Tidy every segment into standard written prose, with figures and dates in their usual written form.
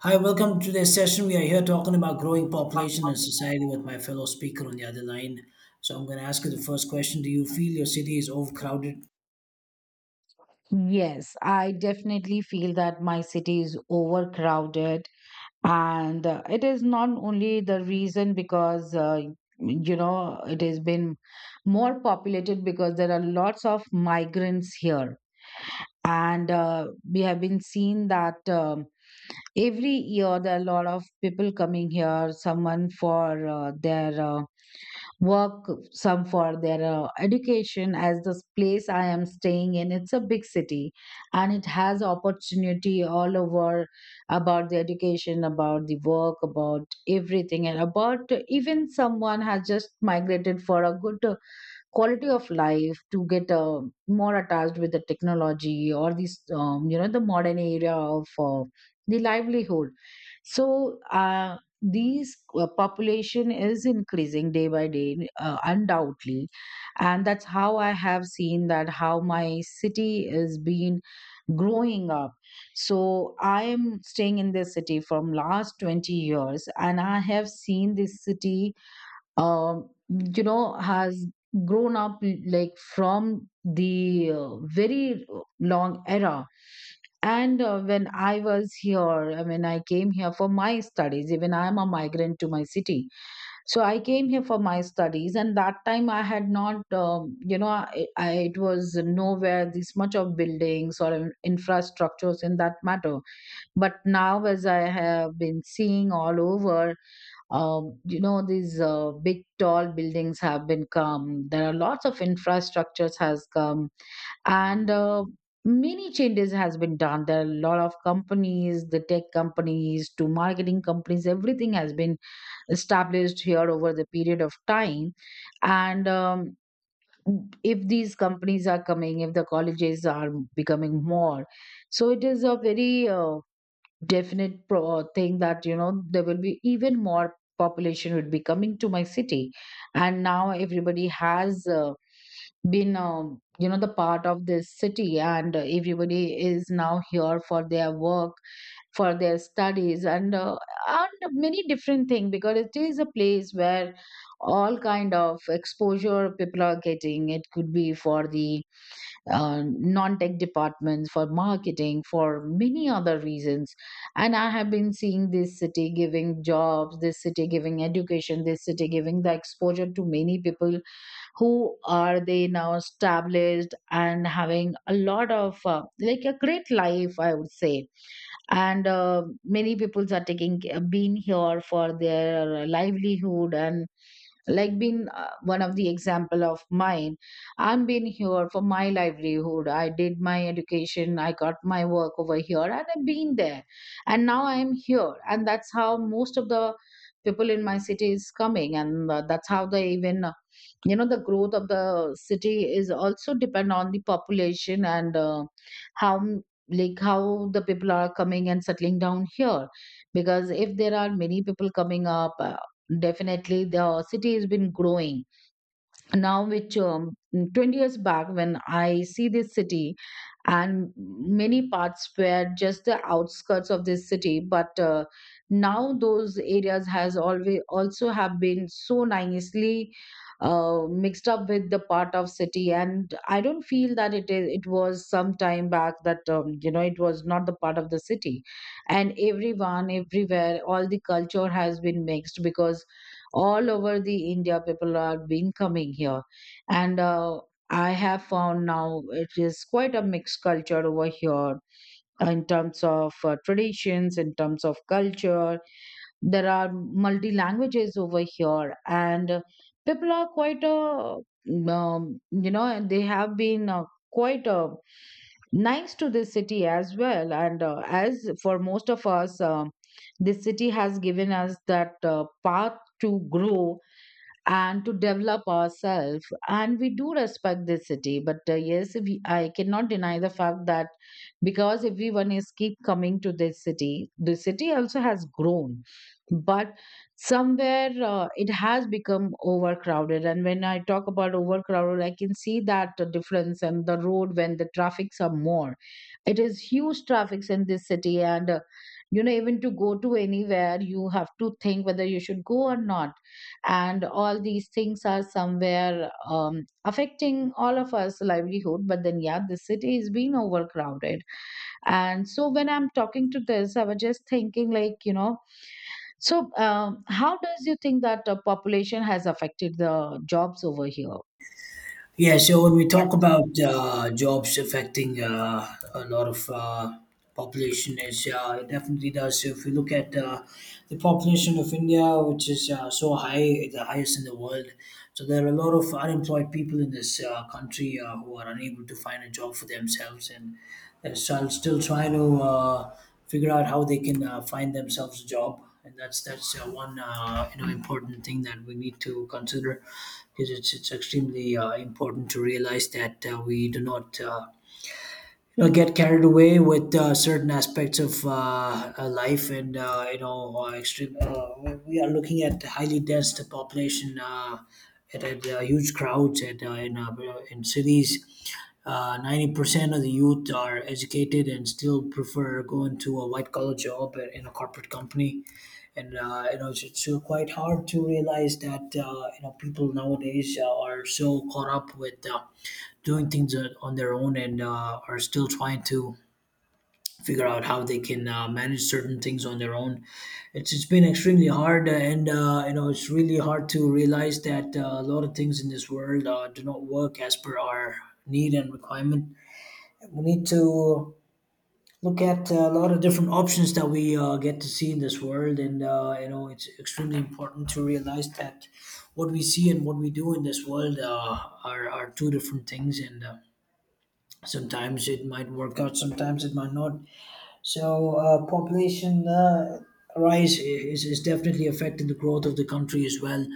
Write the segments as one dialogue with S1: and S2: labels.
S1: Hi, welcome to this session. We are here talking about growing population and society with my fellow speaker on the other line. So I'm going to ask you the first question. Do you feel your city is overcrowded?
S2: Yes, I definitely feel that my city is overcrowded, and it is not only the reason because it has been more populated because there are lots of migrants here, and we have been seeing that every year there are a lot of people coming here, someone for their work, some for their education, as this place I am staying in, it's a big city and it has opportunity all over about the education, about the work, about everything, and about even someone has just migrated for a good quality of life to get more attached with the technology or this the modern area of the livelihood. So these population is increasing day by day undoubtedly, and that's how I have seen that how my city is being growing up. So I am staying in this city from last 20 years, and I have seen this city has grown up like from the very long era. And when I was here, I mean, I came here for my studies. Even I am a migrant to my city, so I came here for my studies, and that time I had not it was nowhere this much of buildings or infrastructures in that matter. But now, as I have been seeing all over, these big tall buildings have been come, there are lots of infrastructures has come, and many changes has been done. There are a lot of companies, the tech companies to marketing companies, everything has been established here over the period of time. And if these companies are coming, if the colleges are becoming more, so it is a very definite thing that there will be even more population would be coming to my city. And now everybody has been the part of this city, and everybody is now here for their work, for their studies, and and many different things, because it is a place where all kind of exposure people are getting. It could be for the non-tech departments, for marketing, for many other reasons. And I have been seeing this city giving jobs, this city giving education, this city giving the exposure to many people who are they now established and having a lot of, like, a great life, I would say. And many people are taking been here for their livelihood, and like been one of the example of mine. I'm been here for my livelihood, I did my education, I got my work over here, and I've been there, and now I am here. And that's how most of the people in my city is coming, and that's how they even the growth of the city is also depend on the population. And how like how the people are coming and settling down here, because if there are many people coming up, definitely, the city has been growing. Now, which 20 years back, when I see this city, and many parts were just the outskirts of this city, but now those areas has always also have been so nicely mixed up with the part of city, and I don't feel that it is. It was some time back that it was not the part of the city, and everyone, everywhere, all the culture has been mixed because all over the India people are been coming here. And I have found now it is quite a mixed culture over here, in terms of traditions, in terms of culture. There are multi languages over here, and people are quite and they have been quite nice to this city as well. And as for most of us, this city has given us that path to grow and to develop ourselves, and we do respect this city, but yes, I cannot deny the fact that because everyone is keep coming to this city, the city also has grown, but somewhere it has become overcrowded. And when I talk about overcrowded, I can see that difference and the road when the traffics are more. It is huge traffics in this city, and even to go to anywhere you have to think whether you should go or not. And all these things are somewhere affecting all of us livelihood, but then, yeah, the city is being overcrowded. And so when I'm talking to this, I was just thinking, like, so how does you think that population has affected the jobs over here?
S1: Yeah, so when we talk about jobs affecting a lot of population, is it definitely does. So if we look at the population of India, which is so high, the highest in the world. So there are a lot of unemployed people in this country who are unable to find a job for themselves, and that's still trying to figure out how they can find themselves a job. And that's one important thing that we need to consider, because it's extremely important to realize that we do not get carried away with certain aspects of life, and extreme. We are looking at highly dense population at huge crowds at in cities. 90% of the youth are educated and still prefer going to a white collar job in a corporate company, and it's quite hard to realize that people nowadays are so caught up with doing things on their own, and are still trying to figure out how they can manage certain things on their own. It's been extremely hard, and it's really hard to realize that a lot of things in this world do not work as per our need and requirement. We need to look at a lot of different options that we get to see in this world, and it's extremely important to realize that what we see and what we do in this world are two different things, and sometimes it might work out, sometimes it might not. So population rise is definitely affecting the growth of the country as well. A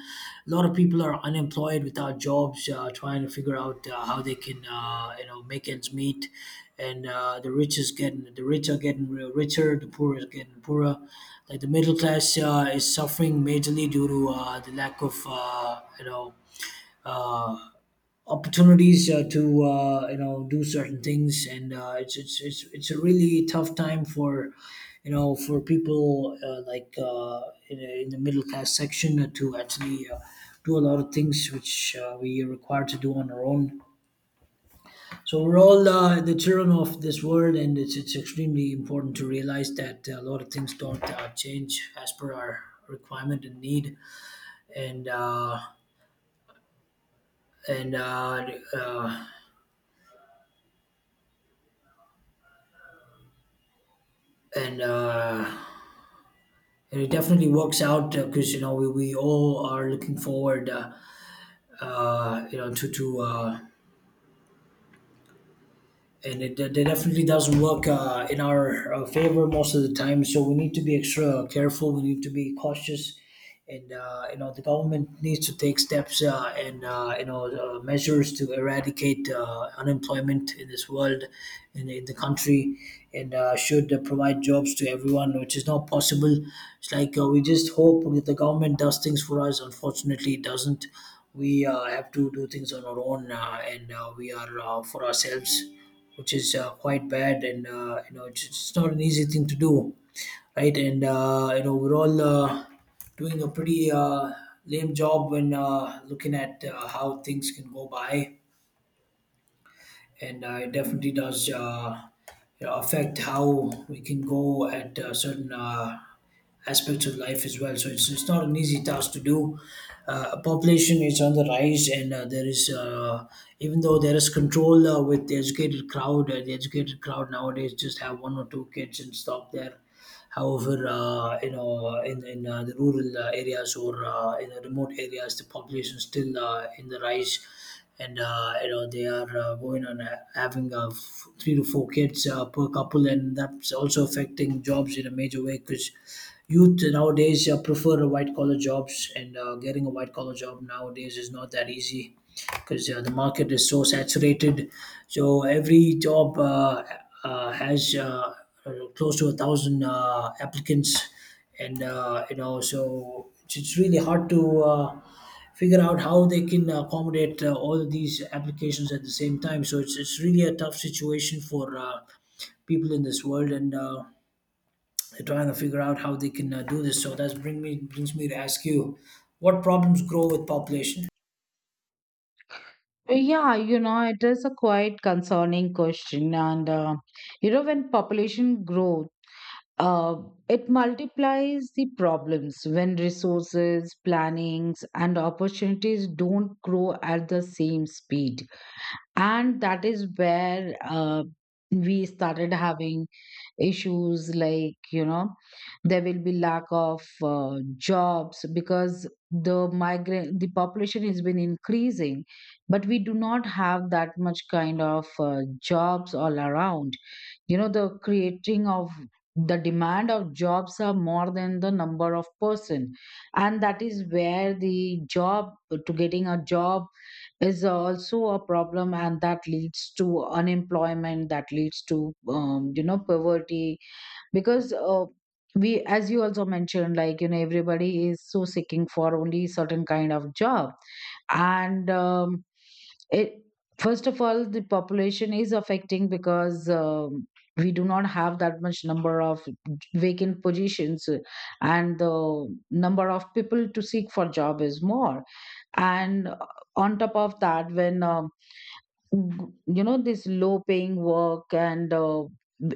S1: lot of people are unemployed without jobs, trying to figure out how they can make ends meet. And the rich are getting richer, the poor is getting poorer. Like, the middle class is suffering majorly due to the lack of uh, opportunities to do certain things, and it's a really tough time for, for people, like, in the middle class section, to actually do a lot of things which we are required to do on our own. So we're all the children of this world, and it's extremely important to realize that a lot of things don't change as per our requirement and need. And uh, and uh, uh, and uh, And it definitely works out, because we all are looking forward, to and it definitely doesn't work in our favor most of the time. So we need to be extra careful. We need to be cautious, and the government needs to take steps, and measures to eradicate unemployment in this world, and in the country, and should provide jobs to everyone, which is not possible. It's like, we just hope that the government does things for us. Unfortunately, it doesn't. We have to do things on our own, and we are, for ourselves, which is quite bad, and it's not an easy thing to do, right. And we're all doing a pretty lame job when looking at how things can go by, and it definitely does affect how we can go at certain aspects of life as well. So it's not an easy task to do. Population is on the rise, and there is even though there is control with the educated crowd nowadays just have one or two kids and stop there. However, in the rural areas, or in the remote areas, the population is still in the rise, and they are going on having three to four kids per couple, and that's also affecting jobs in a major way, because youth nowadays prefer white collar jobs, and getting a white collar job nowadays is not that easy, because the market is so saturated. So every job has close to a thousand applicants, and so it's really hard to figure out how they can accommodate all of these applications at the same time. So it's really a tough situation for people in this world, and they're trying to figure out how they can do this. So that brings me to ask you, what problems grow with population?
S2: Yeah, it is a quite concerning question, and when population grows, Uh, it multiplies the problems when resources, plannings, and opportunities don't grow at the same speed. And that is where we started having issues, like, there will be lack of jobs because the population has been increasing, but we do not have that much kind of jobs all around. The creating of the demand of jobs are more than the number of person, and that is where the job to getting a job is also a problem, and that leads to unemployment, that leads to poverty, because we, as you also mentioned, like, everybody is so seeking for only certain kind of job. And it first of all, the population is affecting because we do not have that much number of vacant positions, and the number of people to seek for job is more. And on top of that, when this low paying work, and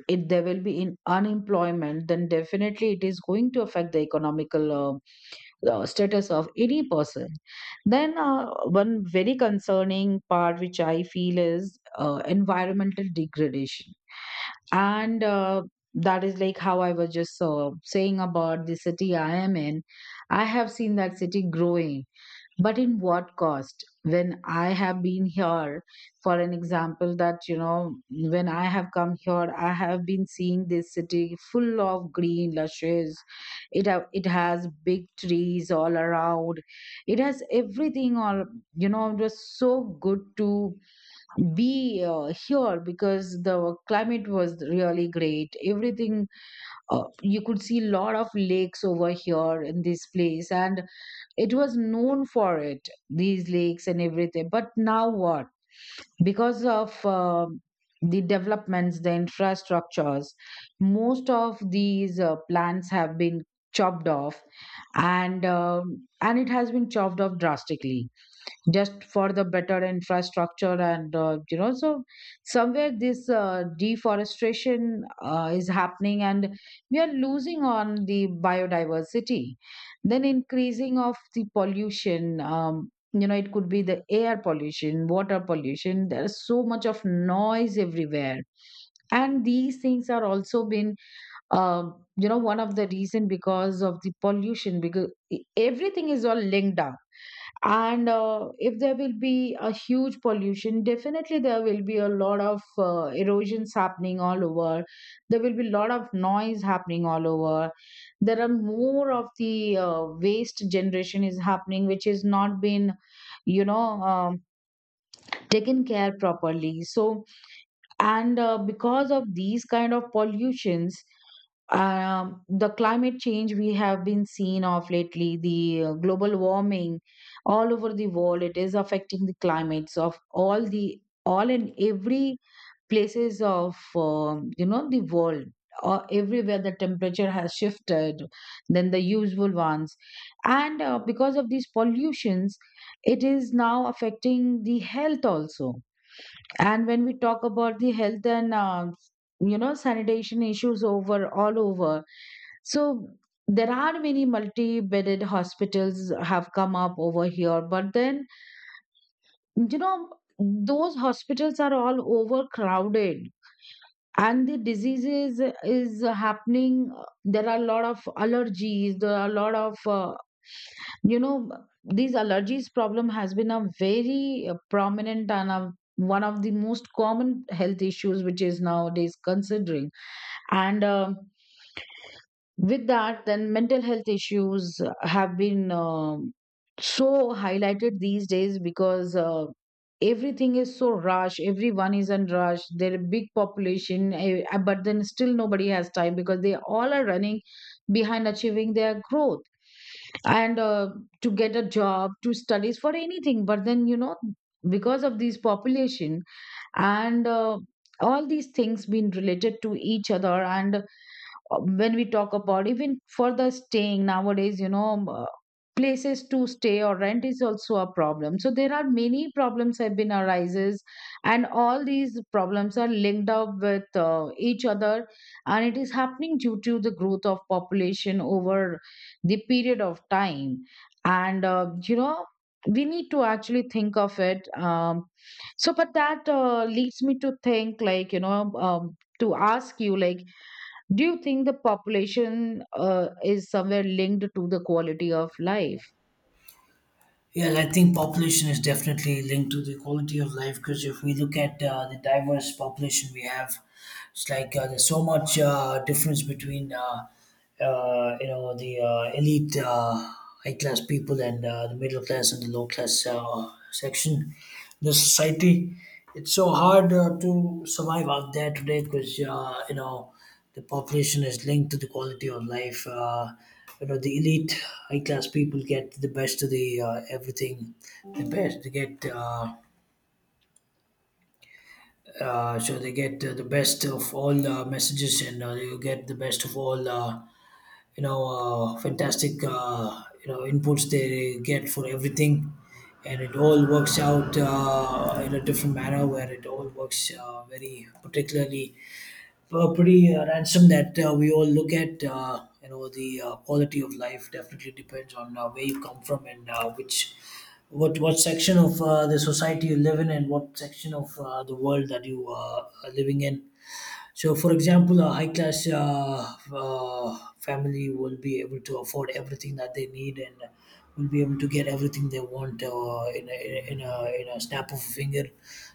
S2: it there will be in unemployment, then definitely it is going to affect the economical status of any person. Then one very concerning part which I feel is environmental degradation, and that is like how I was just saying about the city I am in. I have seen that city growing, but in what cost when I have been here. For an example, that when I have come here, I have been seeing this city full of green lushes. It has big trees all around, it has everything all, it was so good to be here because the climate was really great, everything. You could see lot of lakes over here in this place, and it was known for it, these lakes and everything, but now what? Because of the developments, the infrastructures, most of these plants have been chopped off, and and it has been chopped off drastically, just for the better infrastructure. And so, somewhere this deforestation is happening, and we are losing on the biodiversity. Then increasing of the pollution, it could be the air pollution, water pollution, there's so much of noise everywhere, and these things are also been one of the reason because of the pollution, because everything is all linked up. And if there will be a huge pollution, definitely there will be a lot of erosions happening all over. There will be a lot of noise happening all over. There are more of the waste generation is happening, which is not been you know um, taken care properly. So, and because of these kind of pollutions, the climate change we have been seeing of lately, the global warming all over the world, it is affecting the climates of all and every places of the world, or everywhere the temperature has shifted than the usual ones. And because of these pollutions, it is now affecting the health also. And when we talk about the health and sanitation issues over all over, so there are many multi-bedded hospitals have come up over here. But then, you know those hospitals are all overcrowded, and the diseases is happening. There are a lot of allergies. There are a lot of you know these allergies problem has been a very prominent and a, one of the most common health issues which is nowadays considering and with that then mental health issues have been so highlighted these days because everything is so rush, everyone is in rush, there are big population but then still nobody has time because they all are running behind achieving their growth and to get a job, to studies for anything, but then you know because of this population and all these things being related to each other. And when we talk about even for the staying nowadays, places to stay or rent is also a problem, so there are many problems have been arises, and all these problems are linked up with each other, and it is happening due to the growth of population over the period of time. And you know, we need to actually think of it. So but that leads me to think like to ask you like, do you think the population is somewhere linked to the quality of life?
S1: Yeah, I think population is definitely linked to the quality of life, because if we look at the diverse population we have, it's like there's so much difference between the elite, high class people and the middle class and the low class section in the society. It's so hard to survive out there today, because the population is linked to the quality of life. The elite, high class people get the best of the everything, the best. They get the best of all messages, and you get the best of all. You know, Fantastic. Inputs they get for everything. And it all works out in a different manner, where it all works very particularly, pretty ransom that we all look at. The quality of life definitely depends on where you come from, and which what section of the society you live in, and what section of the world that you are living in. So, for example, a high class family will be able to afford everything that they need, and will be able to get everything they want in a snap of a finger.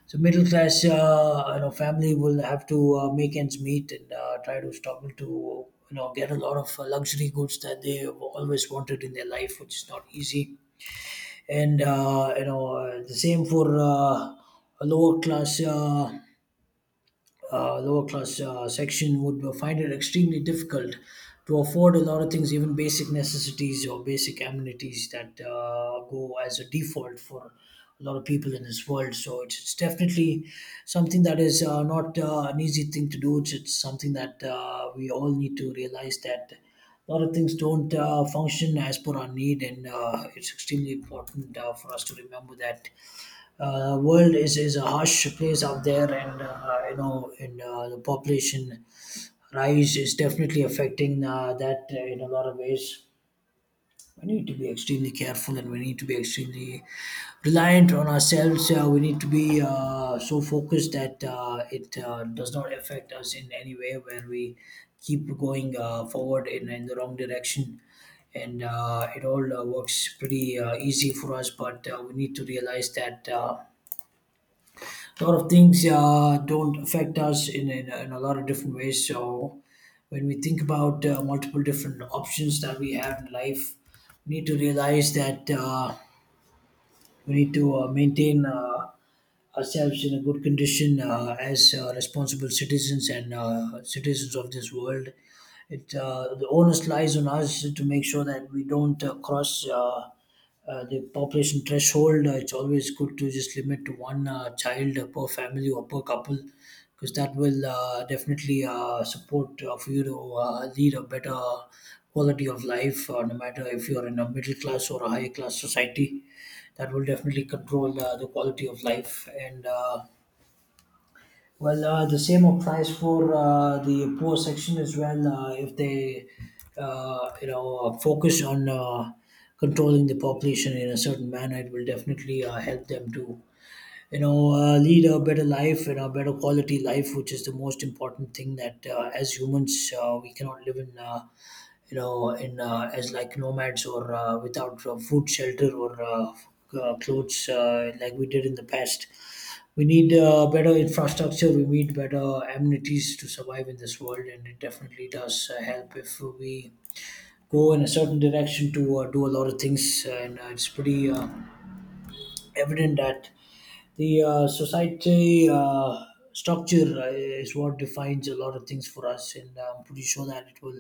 S1: So, middle class family will have to make ends meet, and try to struggle to get a lot of luxury goods that they have always wanted in their life, which is not easy. And the same for a lower class. Lower class section would find it extremely difficult to afford a lot of things, even basic necessities or basic amenities that go as a default for a lot of people in this world. So it's definitely something that is not an easy thing to do. It's something that we all need to realize that a lot of things don't function as per our need, and it's extremely important for us to remember that world is a harsh place out there, and the population rise is definitely affecting that in a lot of ways. We need to be extremely careful, and we need to be extremely reliant on ourselves. We need to be so focused that it does not affect us in any way where we keep going forward in the wrong direction. And it all works pretty easy for us, but we need to realize that a lot of things don't affect us in a lot of different ways. So when we think about multiple different options that we have in life, we need to realize that. We need to maintain ourselves in a good condition, as responsible citizens and citizens of this world. It The onus lies on us to make sure that we don't cross the population threshold. It's always good to just limit to one child per family or per couple, because that will definitely support for you to lead a better quality of life, no matter if you're in a middle class or a higher class society. That will definitely control the quality of life. And the same applies for the poor section as well. If they, focus on controlling the population in a certain manner, it will definitely help them to, lead a better life and a better quality life, which is the most important thing that as humans we cannot live in. You know in as like nomads or without food, shelter, or clothes like we did in the past. We need better infrastructure, we need better amenities to survive in this world, and it definitely does help if we go in a certain direction to do a lot of things. And it's pretty evident that the society structure is what defines a lot of things for us, and I'm pretty sure that it will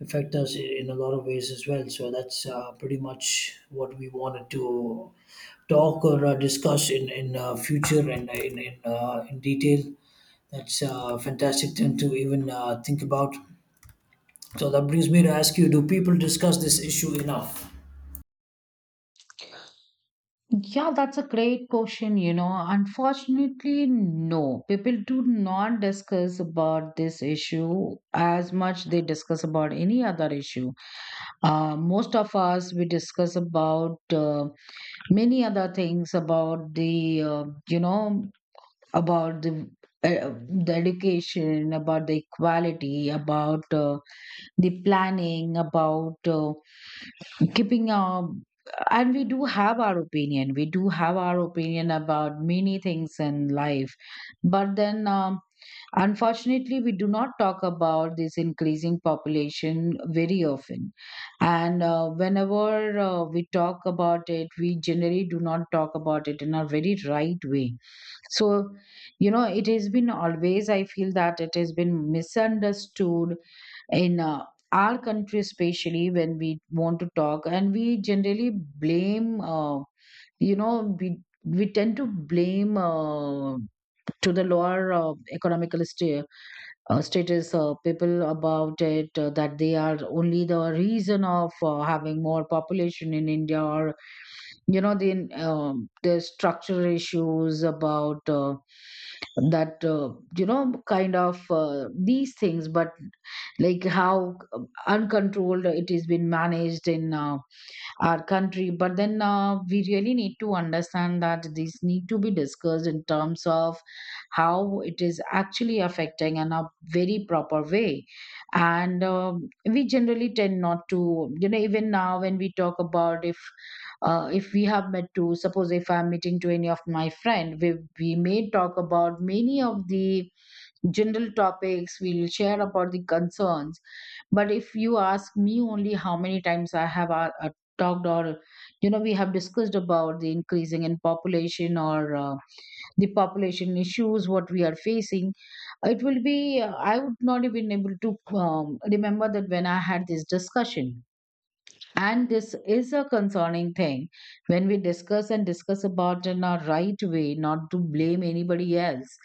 S1: affect us in a lot of ways as well. So that's pretty much what we wanted to talk or discuss in future, and in detail. That's a fantastic thing to even think about. So that brings me to ask you, do people discuss this issue enough?
S2: Yeah, that's a great question. You know, unfortunately, no. People do not discuss about this issue as much they discuss about any other issue. Most of us, we discuss about many other things about about uh, the education, about the equality, about the planning, about keeping our, and we do have our opinion, we do have our opinion about many things in life. But then unfortunately we do not talk about this increasing population very often. And whenever we talk about it, we generally do not talk about it in a very right way. So you know, it has been always, I feel that it has been misunderstood in our country, especially when we want to talk, and we generally blame we tend to blame to the lower economical status people about it that they are only the reason of having more population in india. Or you know the structural issues about that you know kind of these things, but like how uncontrolled it is been managed in our country. But then we really need to understand that these need to be discussed in terms of how it is actually affecting in a very proper way. And we generally tend not to, you know, even now when we talk about, if we have met to, suppose if I'm meeting to any of my friend, we may talk about many of the general topics, we'll share about the concerns. But if you ask me only how many times I have talked or you know we have discussed about the increasing in population, or the population issues what we are facing, it will be I would not have been able to remember that when I had this discussion. And this is a concerning thing, when we discuss and discuss about in a right way, not to blame anybody else,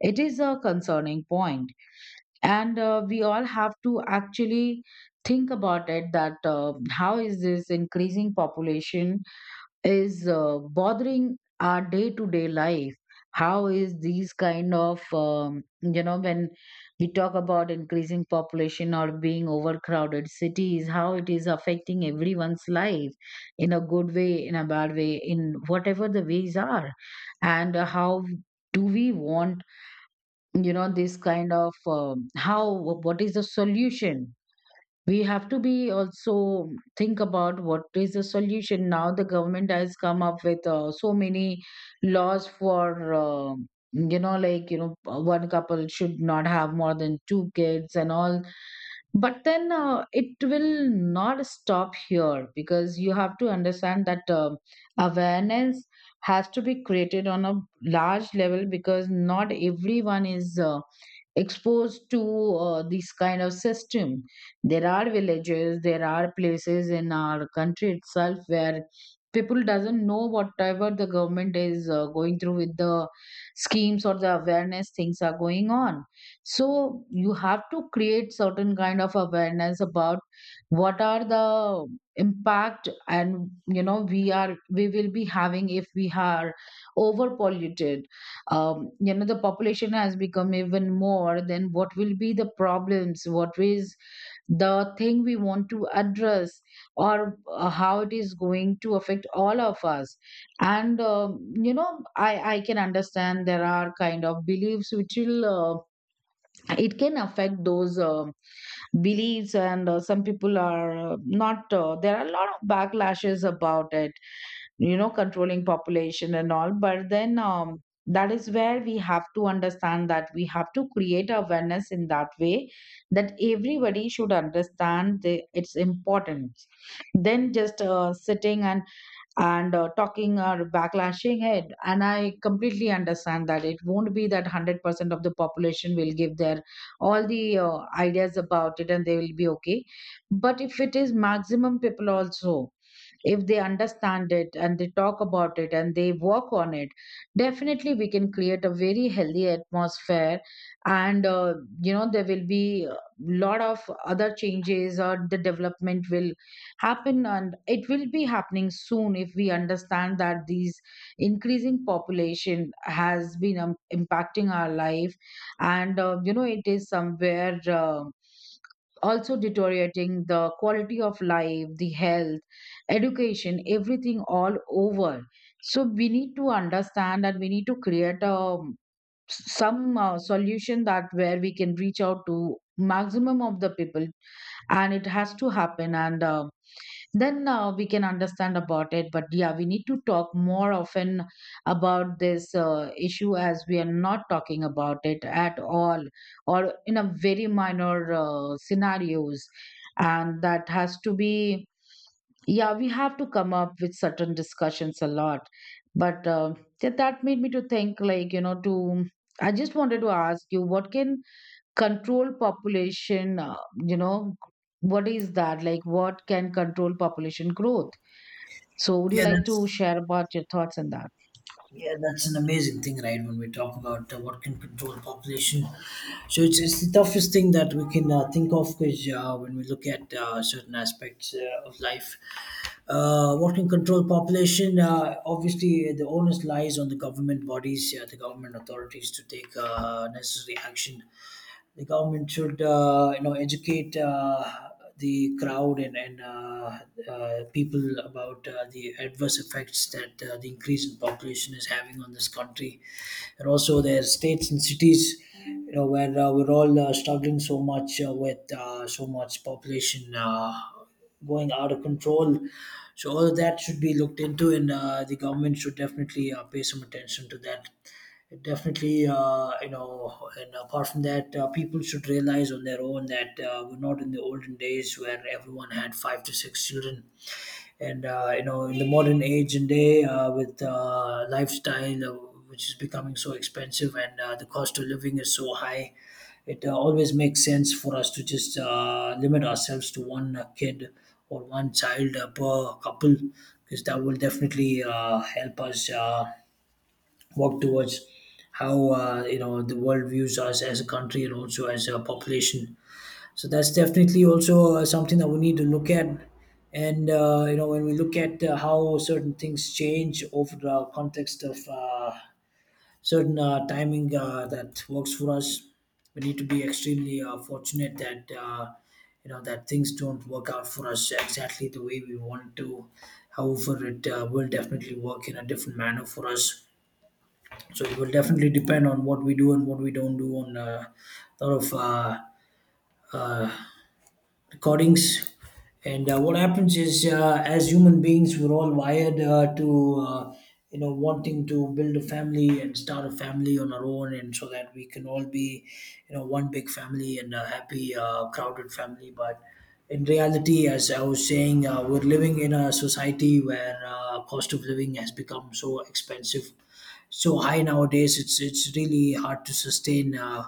S2: it is a concerning point. And we all have to actually think about it, that how is this increasing population is bothering our day to day life, how is these kind of you know, when we talk about increasing population or being overcrowded cities, how it is affecting everyone's life, in a good way, in a bad way, in whatever the ways are. And how do we want, you know, this kind of how what is the solution. We have to be also think about what is the solution. Now the government has come up with so many laws for you know, like you know, one couple should not have more than two kids and all. But then it will not stop here, because you have to understand that awareness has to be created on a large level, because not everyone is exposed to this kind of system. There are villages, there are places in our country itself where people doesn't know whatever the government is going through with the schemes or the awareness things are going on. So you have to create certain kind of awareness about what are the impact, and you know, we are, we will be having if we are over polluted, you know, the population has become even more, then what will be the problems, what is the thing we want to address, or how it is going to affect all of us. And I can understand there are kind of beliefs which will it can affect those beliefs. And some people are not there are a lot of backlashes about it, you know, controlling population and all. But then that is where we have to understand that we have to create awareness in that way, that everybody should understand the, its importance, then just sitting and talking or backlashing it. And I completely understand that it won't be that 100% of the population will give their all the ideas about it and they will be okay. But if it is maximum people also, if they understand it and they talk about it and they work on it, definitely we can create a very healthy atmosphere. And you know, there will be a lot of other changes or the development will happen, and it will be happening soon if we understand that these increasing population has been impacting our life. And you know, it is somewhere also deteriorating the quality of life, the health, education, everything all over. So we need to understand and we need to create a, some solution that where we can reach out to maximum of the people, and it has to happen. And then we can understand about it. But yeah, we need to talk more often about this issue, as we are not talking about it at all, or in a very minor scenarios, and that has to be. Yeah, we have to come up with certain discussions a lot. But that that made me to think like, you know, to, I just wanted to ask you, what can control population, you know, what is that? Like, what can control population growth? So, would you
S1: Yeah,
S2: like to
S1: that's
S2: share about your thoughts on that?
S1: yeah, that's an amazing thing, right? When we talk about what can control population, so it's the toughest thing that we can think of, because when we look at certain aspects of life, what can control population? Obviously, the onus lies on the government bodies, the government authorities, to take necessary action. The government should, you know, educate the crowd, and people about the adverse effects that the increase in population is having on this country, and also their states and cities, you know, where we're all struggling so much with so much population. Going out of control. So all of that should be looked into, and the government should definitely pay some attention to that. Definitely, you know, and apart from that, people should realize on their own that we're not in the olden days where everyone had five to six children. And, you know, in the modern age and day with lifestyle, which is becoming so expensive, and the cost of living is so high, it always makes sense for us to just limit ourselves to one kid or one child per couple, because that will definitely help us work towards how, you know, the world views us as a country and also as a population. So that's definitely also something that we need to look at. And you know, when we look at how certain things change over the context of certain timing that works for us, we need to be extremely fortunate that, you know, that things don't work out for us exactly the way we want to. However, it will definitely work in a different manner for us. So it will definitely depend on what we do and what we don't do on a lot of uh, recordings. And what happens is, as human beings, we're all wired to, you know, wanting to build a family and start a family on our own, and so that we can all be, you know, one big family and a happy, crowded family. But in reality, as I was saying, we're living in a society where cost of living has become so expensive, so high nowadays. It's really hard to sustain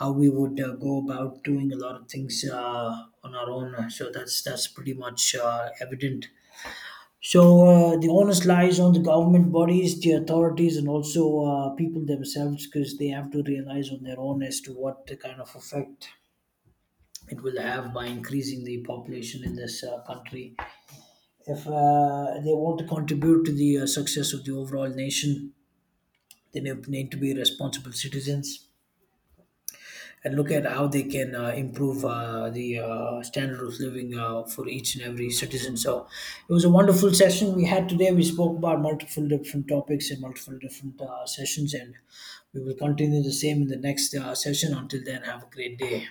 S1: how we would go about doing a lot of things on our own. So that's pretty much evident. So the onus lies on the government bodies, the authorities, and also people themselves, because they have to realize on their own as to what the kind of effect it will have by increasing the population in this country. If they want to contribute to the success of the overall nation, then they need to be responsible citizens and look at how they can improve the standard of living for each and every citizen. So it was a wonderful session we had today. We spoke about multiple different topics and multiple different sessions, and we will continue the same in the next session. Until then, have a great day.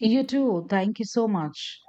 S2: You too. Thank you so much.